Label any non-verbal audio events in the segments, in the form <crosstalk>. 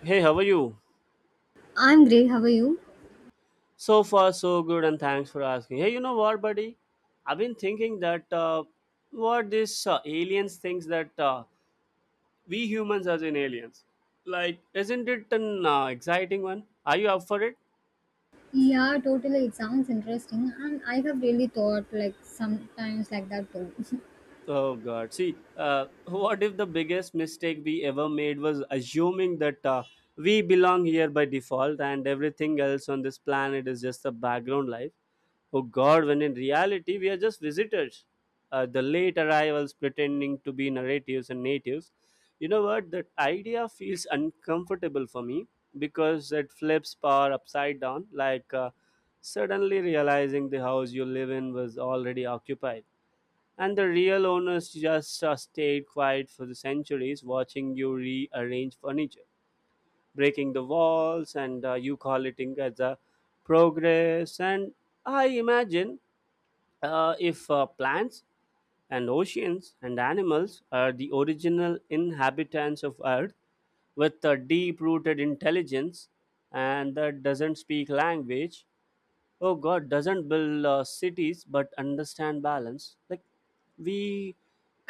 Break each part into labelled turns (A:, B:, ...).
A: Hey, how are you?
B: I'm great. How are you?
A: So far, so good, and thanks for asking. Hey, you know what, buddy? I've been thinking that what this aliens thinks that we humans as in aliens. Like, isn't it an exciting one? Are you up for it?
B: Yeah, totally. It sounds interesting, and I have really thought like sometimes like that too. <laughs>
A: Oh God! See, what if the biggest mistake we ever made was assuming that we belong here by default, and everything else on this planet is just a background life? Oh God, when in reality we are just visitors. The late arrivals pretending to be narratives and natives. You know what? That idea feels uncomfortable for me because it flips power upside down, like suddenly realizing the house you live in was already occupied. And the real owners just stayed quiet for the centuries, watching you rearrange furniture, breaking the walls, and you call it in as a progress. And I imagine if plants and oceans and animals are the original inhabitants of earth with a deep rooted intelligence, and that doesn't speak language. Oh god, doesn't build cities but understand balance, like we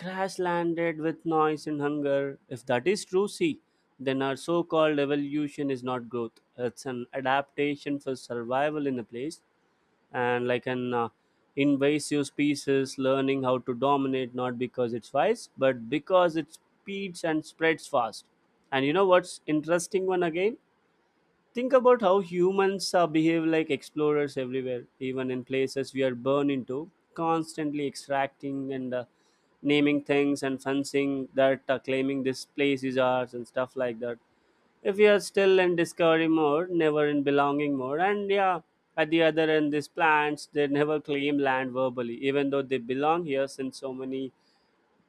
A: crash landed with noise and hunger. If that is true, see, then our so-called evolution is not growth, it's an adaptation for survival in a place, and like an invasive species learning how to dominate, not because it's wise but because it speeds and spreads fast. And you know what's interesting one again? Think about how humans behave like explorers everywhere, even in places we are born into, constantly extracting and naming things and fencing that, claiming this place is ours and stuff like that. If you are still in discovery mode, never in belonging mode. And yeah, at the other end, these plants, they never claim land verbally, even though they belong here since so many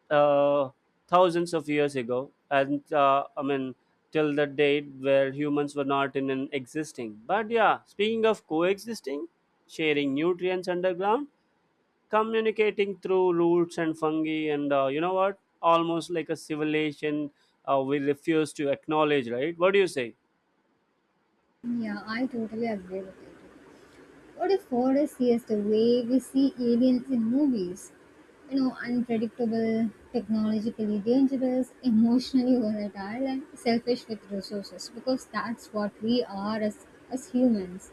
A: uh, thousands of years ago. And I mean, till the date where humans were not in an existing, but yeah, speaking of coexisting, sharing nutrients underground, communicating through roots and fungi, and you know what, almost like a civilization we refuse to acknowledge, right? What do you say?
B: Yeah, I totally agree with it. What if horror is the way we see aliens in movies? You know, unpredictable, technologically dangerous, emotionally volatile, and selfish with resources. Because that's what we are as humans.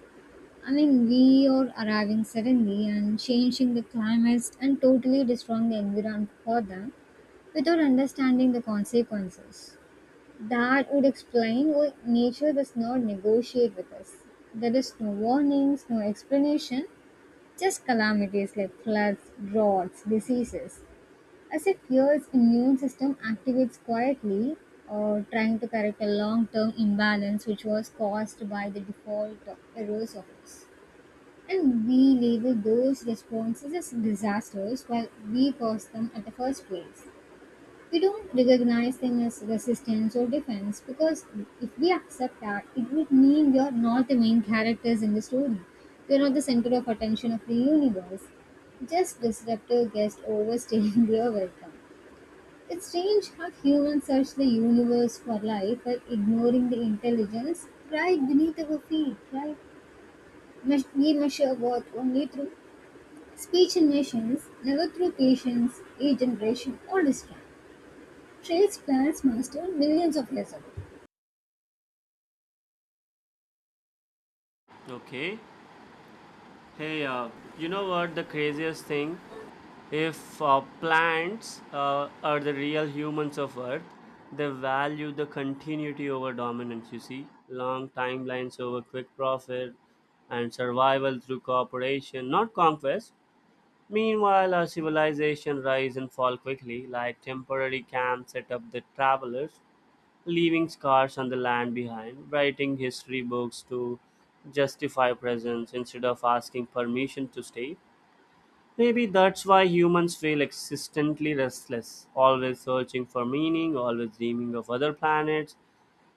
B: I mean, we are arriving suddenly and changing the climate and totally destroying the environment for them without understanding the consequences. That would explain why nature does not negotiate with us. There is no warnings, no explanation, just calamities like floods, droughts, diseases. As if Earth's immune system activates quietly or trying to correct a long term imbalance which was caused by the default errors of us. And we label those responses as disasters while we caused them at the first place. We don't recognize them as resistance or defense because if we accept that, it would mean we are not the main characters in the story. We are not the center of attention of the universe. Just disruptive guests overstaying <laughs> their welcome. It's strange how humans search the universe for life while ignoring the intelligence right beneath our feet, right? We measure worth only through speech and nations, never through patience, age, generation, or discipline. Trails planets mastered millions of years ago.
A: Okay. Hey, you know what the craziest thing? If plants are the real humans of Earth, they value the continuity over dominance, you see? Long timelines over quick profit and survival through cooperation, not conquest. Meanwhile, our civilization rise and fall quickly, like temporary camps set up the travelers leaving scars on the land behind, writing history books to justify presence instead of asking permission to stay. Maybe that's why humans feel existently restless, always searching for meaning, always dreaming of other planets,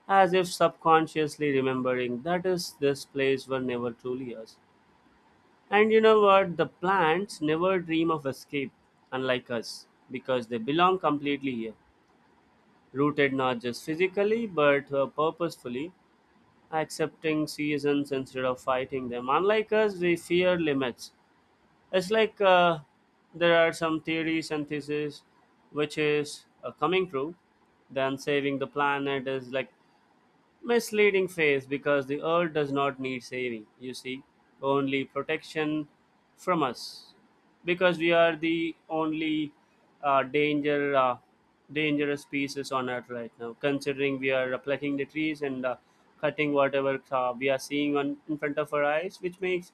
A: as if subconsciously remembering that is this place were never truly us. And you know what? The plants never dream of escape, unlike us, because they belong completely here, rooted not just physically but purposefully accepting seasons instead of fighting them. Unlike us, we fear limits. It's like there are some theories and theses which is coming true. Then saving the planet is like misleading phase, because the earth does not need saving, you see, only protection from us, because we are the only uh, danger uh, dangerous species on earth right now, considering we are plucking the trees and cutting whatever we are seeing on in front of our eyes, which makes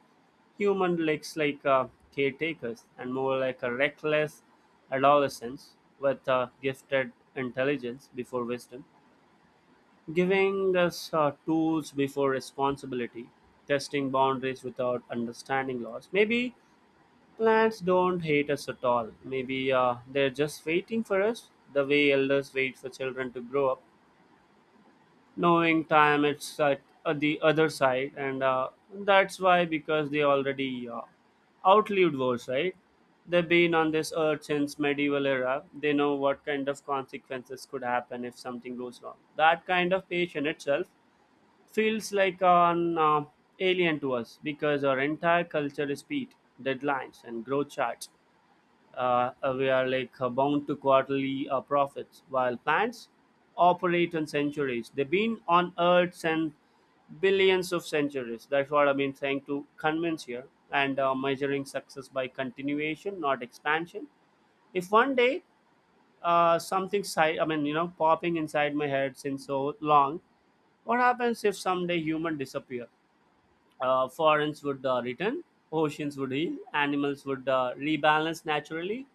A: human looks like caretakers and more like a reckless adolescence with gifted intelligence before wisdom, giving us tools before responsibility, testing boundaries without understanding laws. Maybe plants don't hate us at all. Maybe they're just waiting for us, the way elders wait for children to grow up, knowing time it's at the other side, and that's why because they already outlived wars, right? They've been on this earth since medieval era. They know what kind of consequences could happen if something goes wrong. That kind of patience itself feels like an alien to us, because our entire culture is speed, deadlines, and growth charts. We are like bound to quarterly profits, while plants operate on centuries. They've been on Earth and billions of centuries. That's what I've been trying to convince here. And measuring success by continuation, not expansion. If one day, I mean, you know, popping inside my head since so long. What happens if someday human disappear? Forests would return, oceans would heal, animals would rebalance naturally,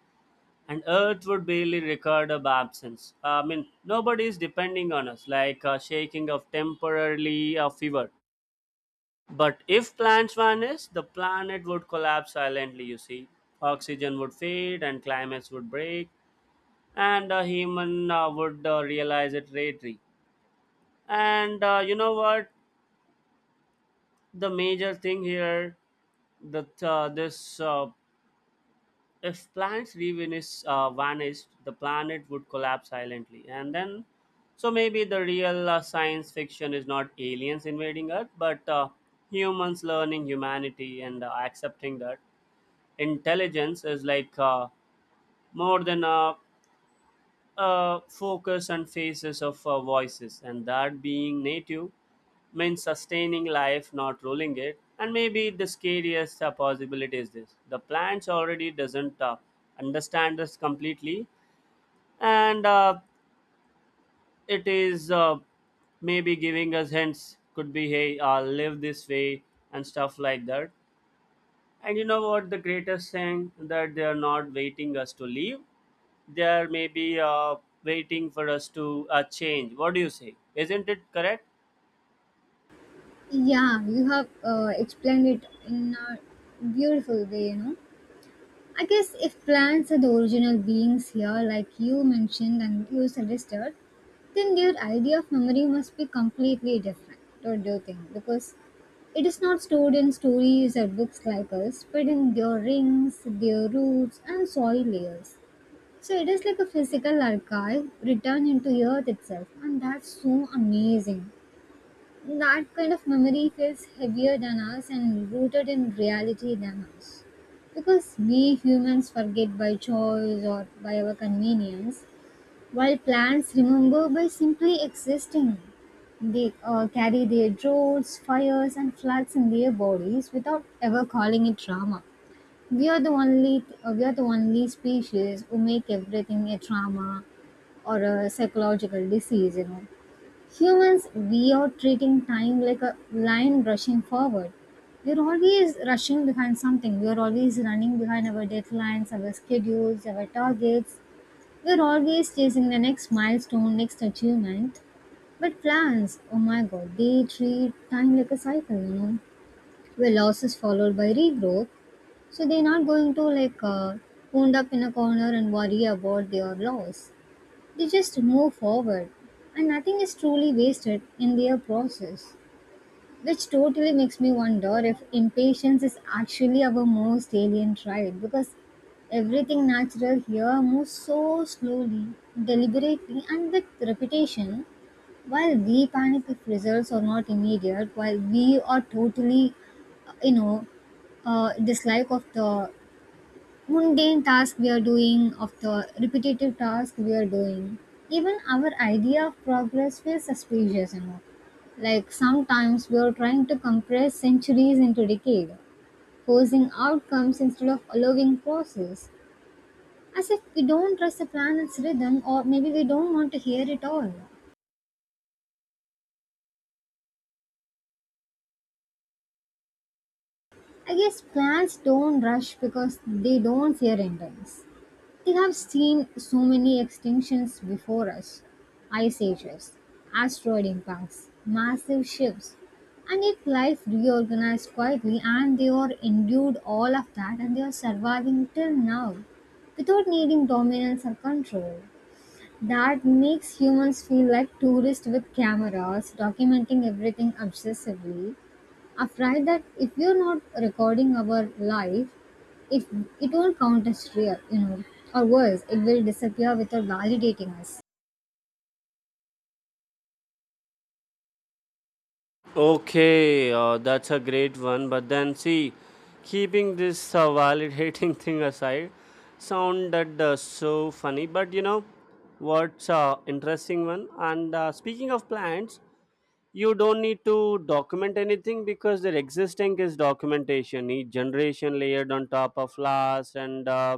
A: and Earth would barely record of absence. I mean, nobody is depending on us, like shaking of temporarily a fever. But if plants vanish, the planet would collapse silently, you see. Oxygen would fade and climates would break, and a human would realize it later. And you know what? The major thing here that this if plants revenis vanished, the planet would collapse silently, and then so maybe the real science fiction is not aliens invading Earth, but humans learning humanity and accepting that intelligence is like more than a focus and phases of voices, and that being native means sustaining life, not ruling it. And maybe the scariest possibility is this: the plants already doesn't understand us completely, and it is maybe giving us hints. Could be, hey, live this way and stuff like that. And you know what? The greatest thing that they are not waiting us to leave, they are maybe waiting for us to change. What do you say? Isn't it correct?
B: Yeah, you have explained it in a beautiful way, you know. I guess if plants are the original beings here, like you mentioned and you suggested, then their idea of memory must be completely different, don't you think? Because it is not stored in stories or books like us, but in their rings, their roots, and soil layers. So it is like a physical archive returned into earth itself, and that's so amazing. That kind of memory feels heavier than us and rooted in reality than us. Because we humans forget by choice or by our convenience, while plants remember by simply existing. They carry their droughts, fires, and floods in their bodies without ever calling it drama. We are the only species who make everything a trauma or a psychological disease. You know, humans, we are treating time like a lion rushing forward. We're always rushing behind something. We're always running behind our deadlines, our schedules, our targets. We're always chasing the next milestone, next achievement. But plans, oh my god, they treat time like a cycle, you know, where loss is followed by regrowth. So they're not going to like wound up in a corner and worry about their loss. They just move forward, and nothing is truly wasted in their process. Which totally makes me wonder if impatience is actually our most alien trait because everything natural here moves so slowly, deliberately, and with repetition. While we panic if results are not immediate, while we are totally, uh, you know, dislike of the mundane task we are doing, of the repetitive task we are doing. Even our idea of progress feels suspicious, you know. Like sometimes we are trying to compress centuries into decade, forcing outcomes instead of allowing process, as if we don't trust the planet's rhythm or maybe we don't want to hear it all. I guess plants don't rush because they don't fear endings. We have seen so many extinctions before us, ice ages, asteroid impacts, massive shifts, and yet life reorganized quietly, and they are endured all of that and they are surviving till now without needing dominance or control. That makes humans feel like tourists with cameras, documenting everything obsessively, afraid that if we're not recording our life, if it won't count as real, you know, or worse, it will disappear without validating us.
A: Okay, that's a great one. But then, see, keeping this validating <laughs> thing aside, sounded so funny. But you know, what's interesting one? And speaking of plants, you don't need to document anything, because there existing is documentation, each generation layered on top of last. And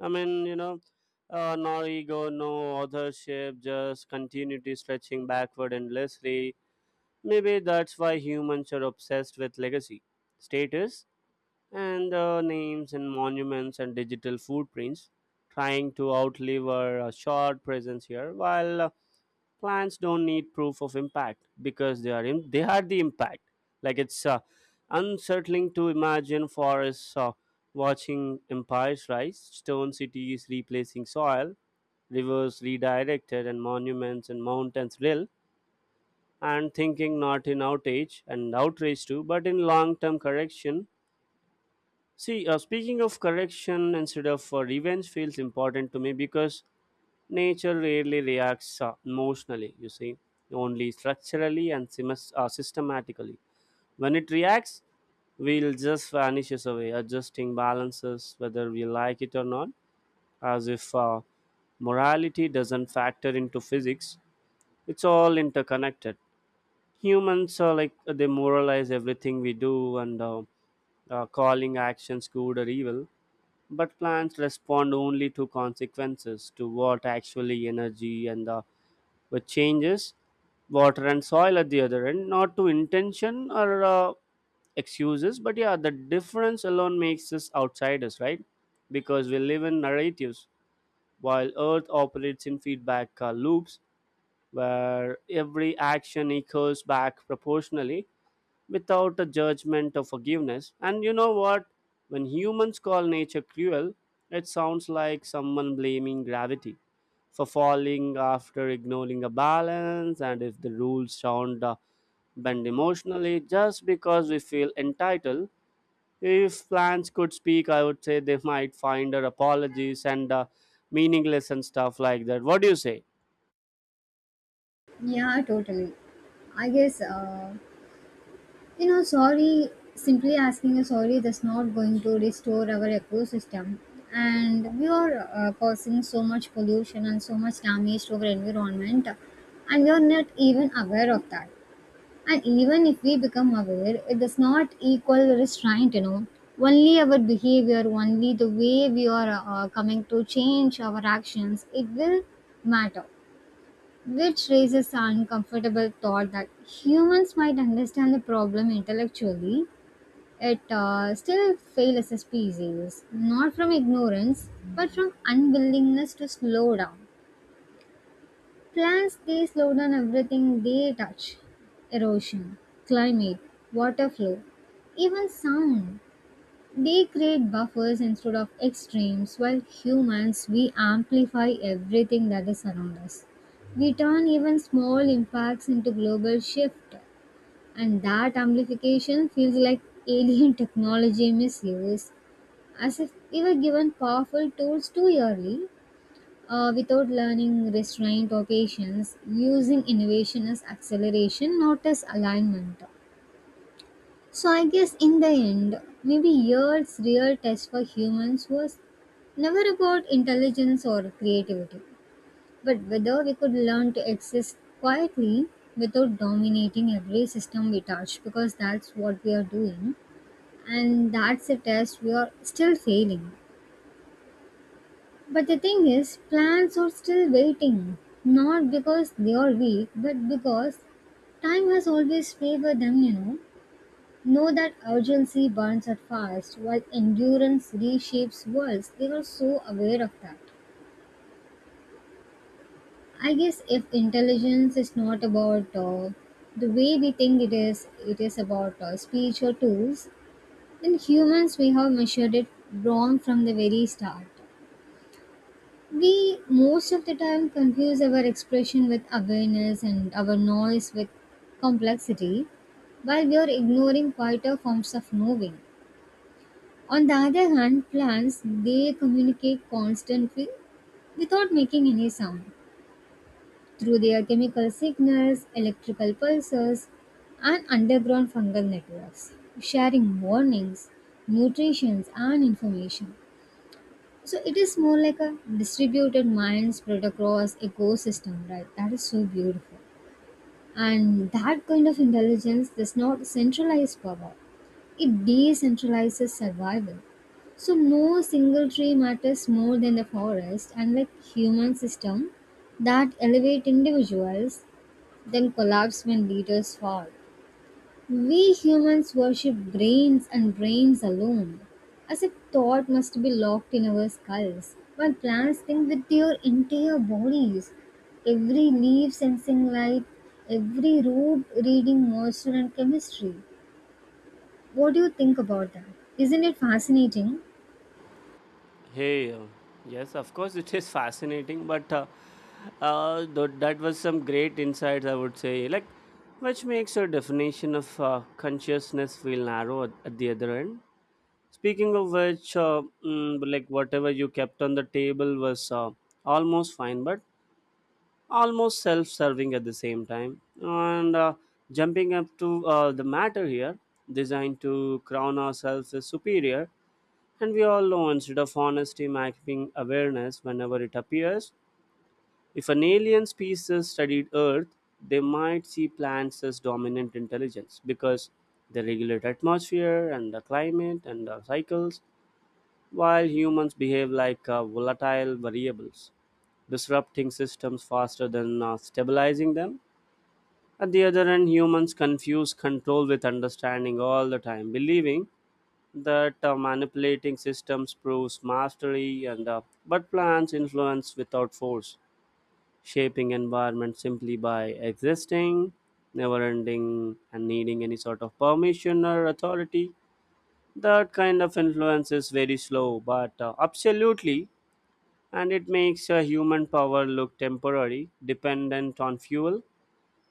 A: I mean, you know, no ego, no authorship, just continuity stretching backward endlessly. Maybe that's why humans are obsessed with legacy, status, and names and monuments and digital footprints, trying to outlive our short presence here. While plants don't need proof of impact, because they are in, they had the impact. Like it's unsettling to imagine forests watching empires rise, stone cities replacing soil, rivers redirected, and monuments and mountains real. And thinking not in outage and outrage too, but in long-term correction. See, speaking of correction instead of revenge feels important to me, because nature rarely reacts emotionally, you see, only structurally and systematically. When it reacts, will just vanishes away, adjusting balances whether we like it or not, as if morality doesn't factor into physics. It's all interconnected. Humans are like they moralize everything we do, and calling actions good or evil, but plants respond only to consequences, to what actually energy and what changes, water and soil at the other end, not to intention or excuses. But yeah, the difference alone makes us outsiders, right? Because we live in narratives while earth operates in feedback loops, where every action echoes back proportionally without a judgment or forgiveness. And you know what? When humans call nature cruel, it sounds like someone blaming gravity for falling after ignoring a balance, and if the rules sound bend emotionally just because we feel entitled. If plants could speak, I would say they might find our apologies and meaningless and stuff like that. What do you say?
B: Yeah, totally. I guess, you know, sorry, simply asking a sorry that's not going to restore our ecosystem. And we are causing so much pollution and so much damage to our environment, and we are not even aware of that. And even if we become aware, it does not equal restraint, you know. Only our behavior, only the way we are coming to change our actions, it will matter. Which raises the uncomfortable thought that humans might understand the problem intellectually, it still fails as a species, not from ignorance, but from unwillingness to slow down. Plants they slow down everything they touch, erosion, climate, water flow, even sound. They create buffers instead of extremes, while humans we amplify everything that is around us. We turn even small impacts into global shift, and that amplification feels like alien <laughs> technology misuse, as if we were given powerful tools too early without learning restraint or patience, using innovation as acceleration, not as alignment. So, I guess in the end, maybe years' real test for humans was never about intelligence or creativity, but whether we could learn to exist quietly without dominating every system we touch, because that's what we are doing, and that's a test we are still failing. But the thing is, plans are still waiting, not because they are weak, but because time has always favored them, you know. Know that urgency burns out fast, while endurance reshapes worlds. They are so aware of that. I guess if intelligence is not about the way we think it is about speech or tools, then humans we have measured it wrong from the very start. We most of the time confuse our expression with awareness and our noise with complexity, while we are ignoring quieter forms of moving. On the other hand, plants they communicate constantly without making any sound through their chemical signals, electrical pulses, and underground fungal networks, sharing warnings, nutrition, and information. So it is more like a distributed mind spread across ecosystem, right? That is so beautiful. And that kind of intelligence does not centralize power. It decentralizes survival. So no single tree matters more than the forest and like human system that elevate individuals then collapse when leaders fall. We humans worship brains and brains alone, as if thought must be locked in our skulls, while plants think with their entire bodies. Every leaf sensing light, every root reading moisture and chemistry. What do you think about that? Isn't it fascinating?
A: Hey, yes, of course, it is fascinating, but that was some great insights, I would say. Like, which makes your definition of consciousness feel narrow at the other end. Speaking of which, like whatever you kept on the table was almost fine, but almost self-serving at the same time. And jumping up to the matter here, designed to crown ourselves as superior, and we all know, instead of honesty mapping awareness whenever it appears. If an alien species studied Earth, they might see plants as dominant intelligence, because they regulate atmosphere and the climate and the cycles, while humans behave like volatile variables disrupting systems faster than stabilizing them. At the other end, humans confuse control with understanding all the time, believing that manipulating systems proves mastery and but plants influence without force, shaping environment simply by existing, never ending and needing any sort of permission or authority. That kind of influence is very slow but absolutely and it makes human power look temporary, dependent on fuel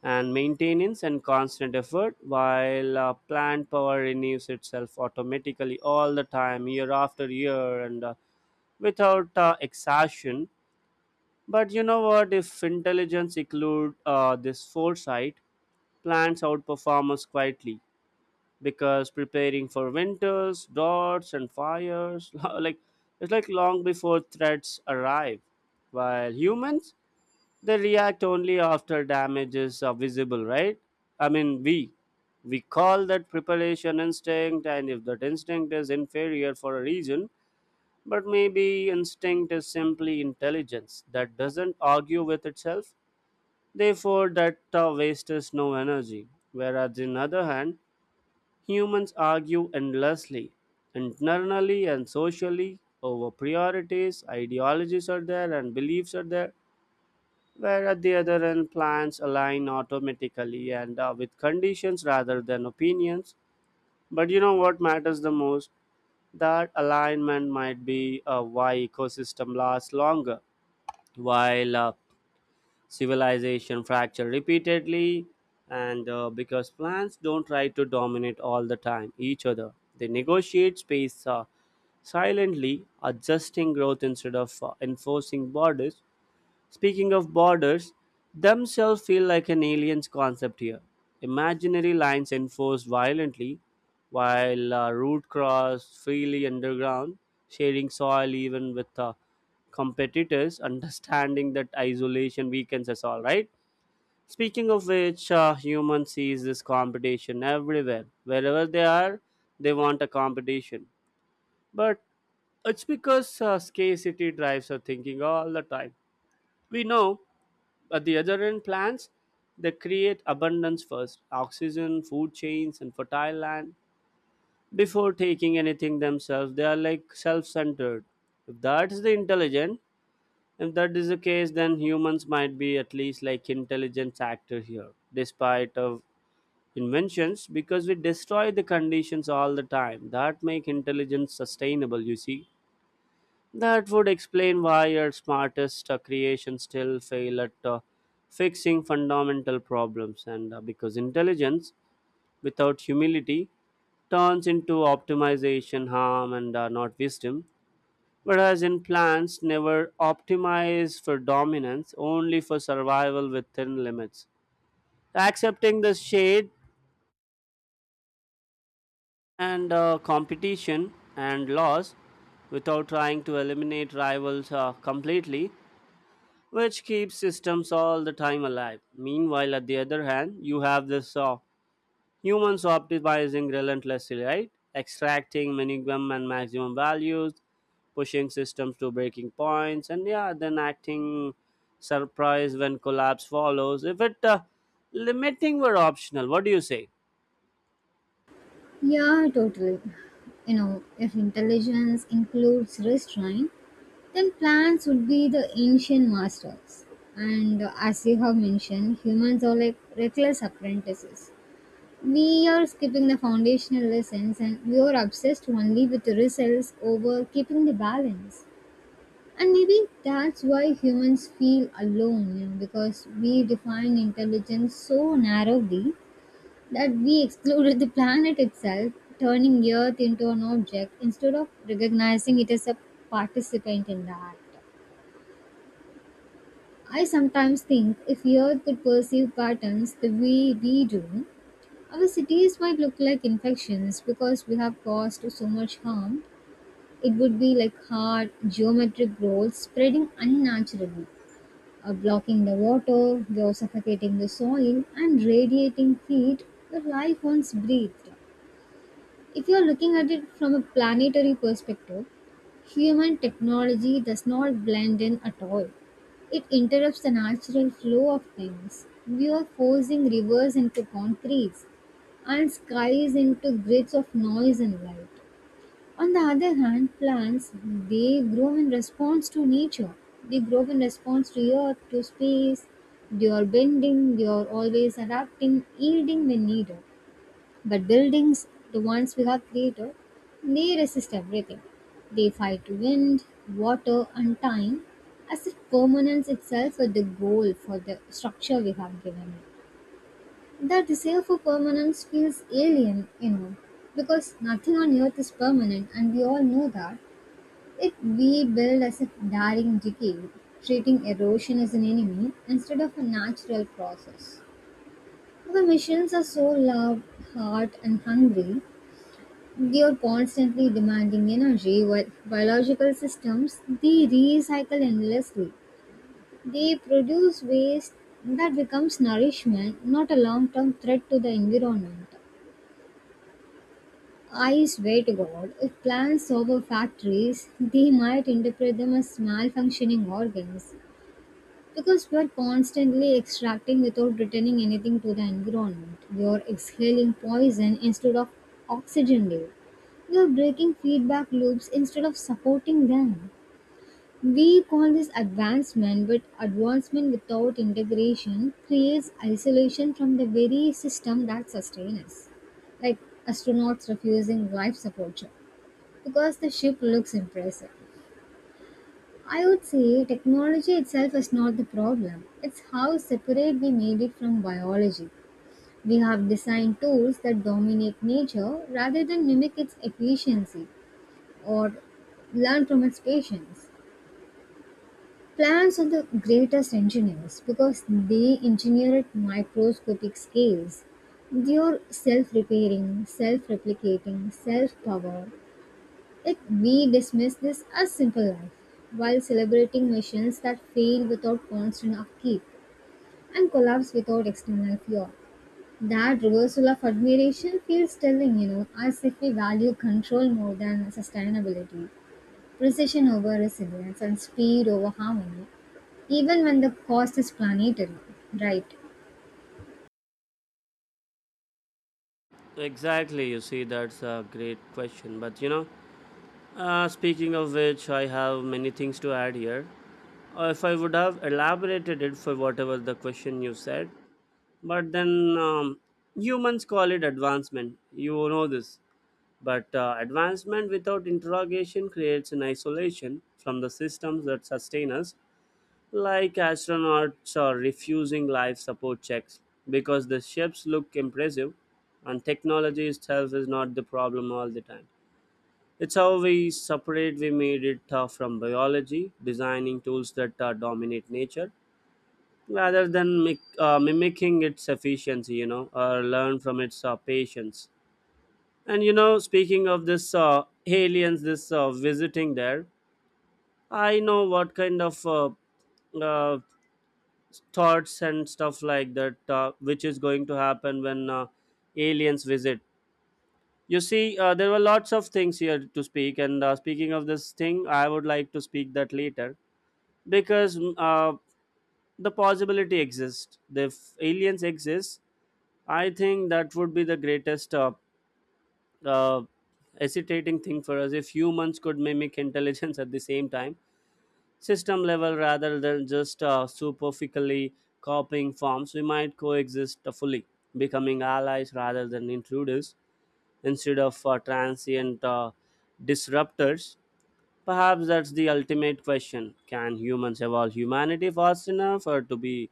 A: and maintenance and constant effort, while plant power renews itself automatically all the time, year after year, and without exhaustion. But you know what? If intelligence include this foresight, plants outperform us quietly because preparing for winters, droughts and fires <laughs> like it's like long before threats arrive, while humans, they react only after damages are visible, right? I mean, we call that preparation instinct, and if that instinct is inferior for a reason, but maybe instinct is simply intelligence that doesn't argue with itself. Therefore, that wastes no energy. Whereas, in other hand, humans argue endlessly, internally and socially, over priorities, ideologies are there, and beliefs are there, where at the other end plans align automatically and with conditions rather than opinions. But you know what matters the most? That alignment might be why ecosystem lasts longer while civilization fracture repeatedly, and because plants don't try to dominate all the time each other. They negotiate space silently, adjusting growth instead of enforcing borders. Speaking of borders, themselves feel like an alien's concept here. Imaginary lines enforced violently, while route crossed freely underground, sharing soil even with competitors, <laughs> understanding that isolation weakens us all, right? Speaking of which, human sees this competition everywhere. Wherever they are, they want a competition. But it's because scarcity drives our thinking all the time. We know at the other end, plants, they create abundance first: oxygen, food chains, and fertile land before taking anything themselves. They are like self centered. If that's the intelligent, if that is the case, then humans might be at least like intelligence actor here, despite of inventions, because we destroy the conditions all the time that make intelligence sustainable. You see. That would explain why your smartest creations still fail at fixing fundamental problems, and because intelligence without humility turns into optimization harm and not wisdom, whereas in plants never optimize for dominance, only for survival within limits. Accepting the shade and competition and loss without trying to eliminate rivals completely, which keeps systems all the time alive. Meanwhile, at the other hand, you have this humans optimizing relentlessly, right? Extracting minimum and maximum values, pushing systems to breaking points, and yeah, then acting surprised when collapse follows. If it limiting were optional, what do you say?
B: Yeah, totally. You know, if intelligence includes restraint, then plants would be the ancient masters. And as you have mentioned, humans are like reckless apprentices. We are skipping the foundational lessons and we are obsessed only with the results over keeping the balance. And maybe that's why humans feel alone, you know, because we define intelligence so narrowly that we excluded the planet itself, turning Earth into an object instead of recognizing it as a participant in the act. I sometimes think if Earth could perceive patterns the way we do, our cities might look like infections because we have caused so much harm. It would be like hard geometric growth spreading unnaturally, blocking the water, though suffocating the soil, and radiating heat that life once breathed. If you are looking at it from a planetary perspective, human technology does not blend in at all. It interrupts the natural flow of things. We are forcing rivers into concretes and skies into grids of noise and light. On the other hand, plants they grow in response to nature. They grow in response to earth, to space. They are bending, they are always adapting, yielding when needed. But buildings, the ones we have created, they resist everything. They fight wind, water, and time, as if permanence itself were the goal for the structure we have given it. The desire for permanence feels alien, you know, because nothing on earth is permanent, and we all know that. If we build as if daring decay, treating erosion as an enemy instead of a natural process. The missions are so loud, hard, and hungry they are constantly demanding energy while biological systems, they recycle endlessly. They produce waste that becomes nourishment, not a long-term threat to the environment. I swear to God, if plants over factories, they might interpret them as malfunctioning organs. Because we are constantly extracting without returning anything to the environment. We are exhaling poison instead of oxygen layer. We are breaking feedback loops instead of supporting them. We call this advancement, but advancement without integration creates isolation from the very system that sustains us. Like astronauts refusing life support ship because the ship looks impressive. I would say technology itself is not the problem. It's how separate we made it from biology. We have designed tools that dominate nature rather than mimic its efficiency or learn from its patience. Plants are the greatest engineers because they engineer at microscopic scales. They are self repairing, self replicating, self power, yet we dismiss this as simple life, while celebrating machines that fail without constant upkeep and collapse without external fuel. That reversal of admiration feels telling, you know, as if we value control more than sustainability, precision over resilience, and speed over harmony, even when the cost is planetary, right?
A: Exactly, you see, that's a great question. But you know, speaking of which, I have many things to add here. Or if I would have elaborated it for whatever the question you said. But then humans call it advancement. You know this. But advancement without interrogation creates an isolation from the systems that sustain us, like astronauts are refusing life support checks because the ships look impressive, and technology itself is not the problem all the time. It's how we separate, we made it from biology, designing tools that dominate nature rather than mimicking its efficiency, you know, or learn from its patience. And you know, speaking of this aliens, this visiting there, I know what kind of uh, thoughts and stuff like that, which is going to happen when aliens visit. You see, there were lots of things here to speak, and speaking of this thing, I would like to speak that later because the possibility exists. If aliens exist, I think that would be the greatest uh, hesitating thing for us. If humans could mimic intelligence <laughs> at the same time, system level rather than just superficially copying forms, we might coexist fully, becoming allies rather than intruders, instead of transient disruptors. Perhaps that's the ultimate question. Can humans evolve humanity fast enough or to be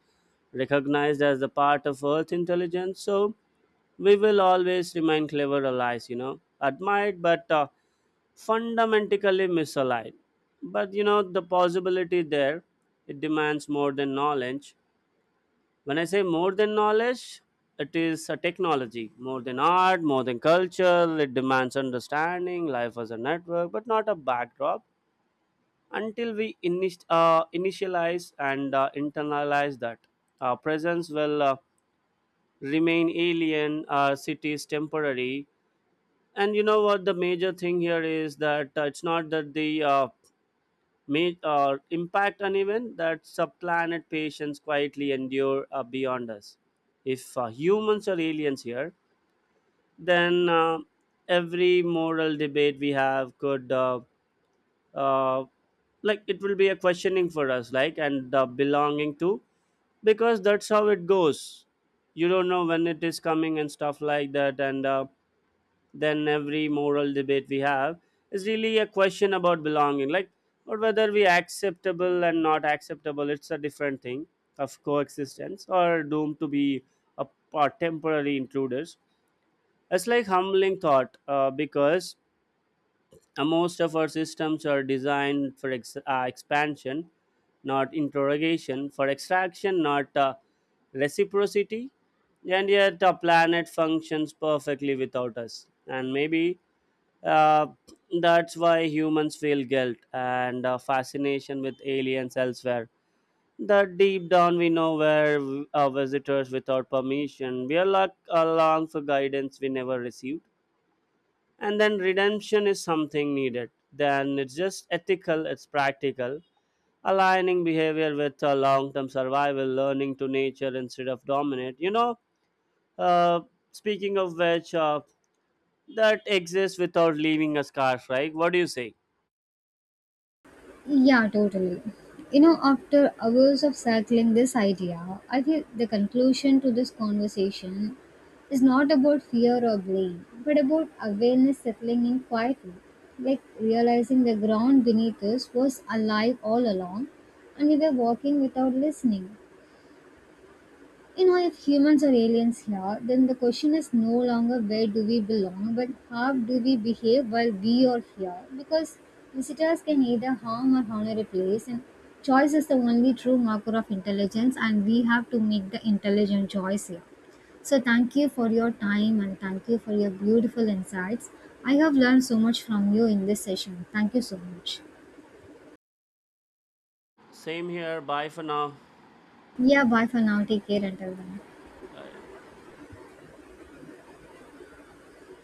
A: recognized as the part of Earth intelligence? So we will always remain clever allies, you know, admired but fundamentally misaligned. But you know, the possibility there, it demands more than knowledge. When I say more than knowledge, it is a technology, more than art, more than culture. It demands understanding life as a network, but not a backdrop, until we initialize and internalize that presence will remain alien, cities temporary. And you know what the major thing here is, that it's not that the impact on event that subplanet patients quietly endure beyond us. If humans are aliens here, then every moral debate we have could uh, like it will be a questioning for us, like, and the belonging to, because that's how it goes. You don't know when it is coming and stuff like that, and then every moral debate we have is really a question about belonging, like, or whether we acceptable and not acceptable, it's a different thing, of coexistence or doomed to be a, a temporary intruders. It's like humbling thought because most of our systems are designed for expansion, not interrogation, for extraction, not reciprocity. And yet, our planet functions perfectly without us. And maybe uh, that's why humans feel guilt and fascination with aliens elsewhere. That deep down we know where our visitors without permission. We are like along for guidance we never received, and then redemption is something needed, then it's just ethical, it's practical, aligning behavior with long-term survival, learning to nature instead of dominate, you know. uh, Speaking of which, that exists without leaving a scar, right? What do you say?
B: Yeah, totally. You know, after hours of circling this idea, I feel the conclusion to this conversation is not about fear or blame, but about awareness settling in quietly. Like realizing the ground beneath us was alive all along and we were walking without listening. You know, if humans are aliens here, then the question is no longer where do we belong, but how do we behave while we are here? Because visitors can either harm or honor a place, and choice is the only true marker of intelligence, and we have to make the intelligent choice here. So, thank you for your time and thank you for your beautiful insights. I have learned so much from you in this session. Thank you so much.
A: Same here, bye for now.
B: Yeah, bye for now. Take care until then.
A: Uh,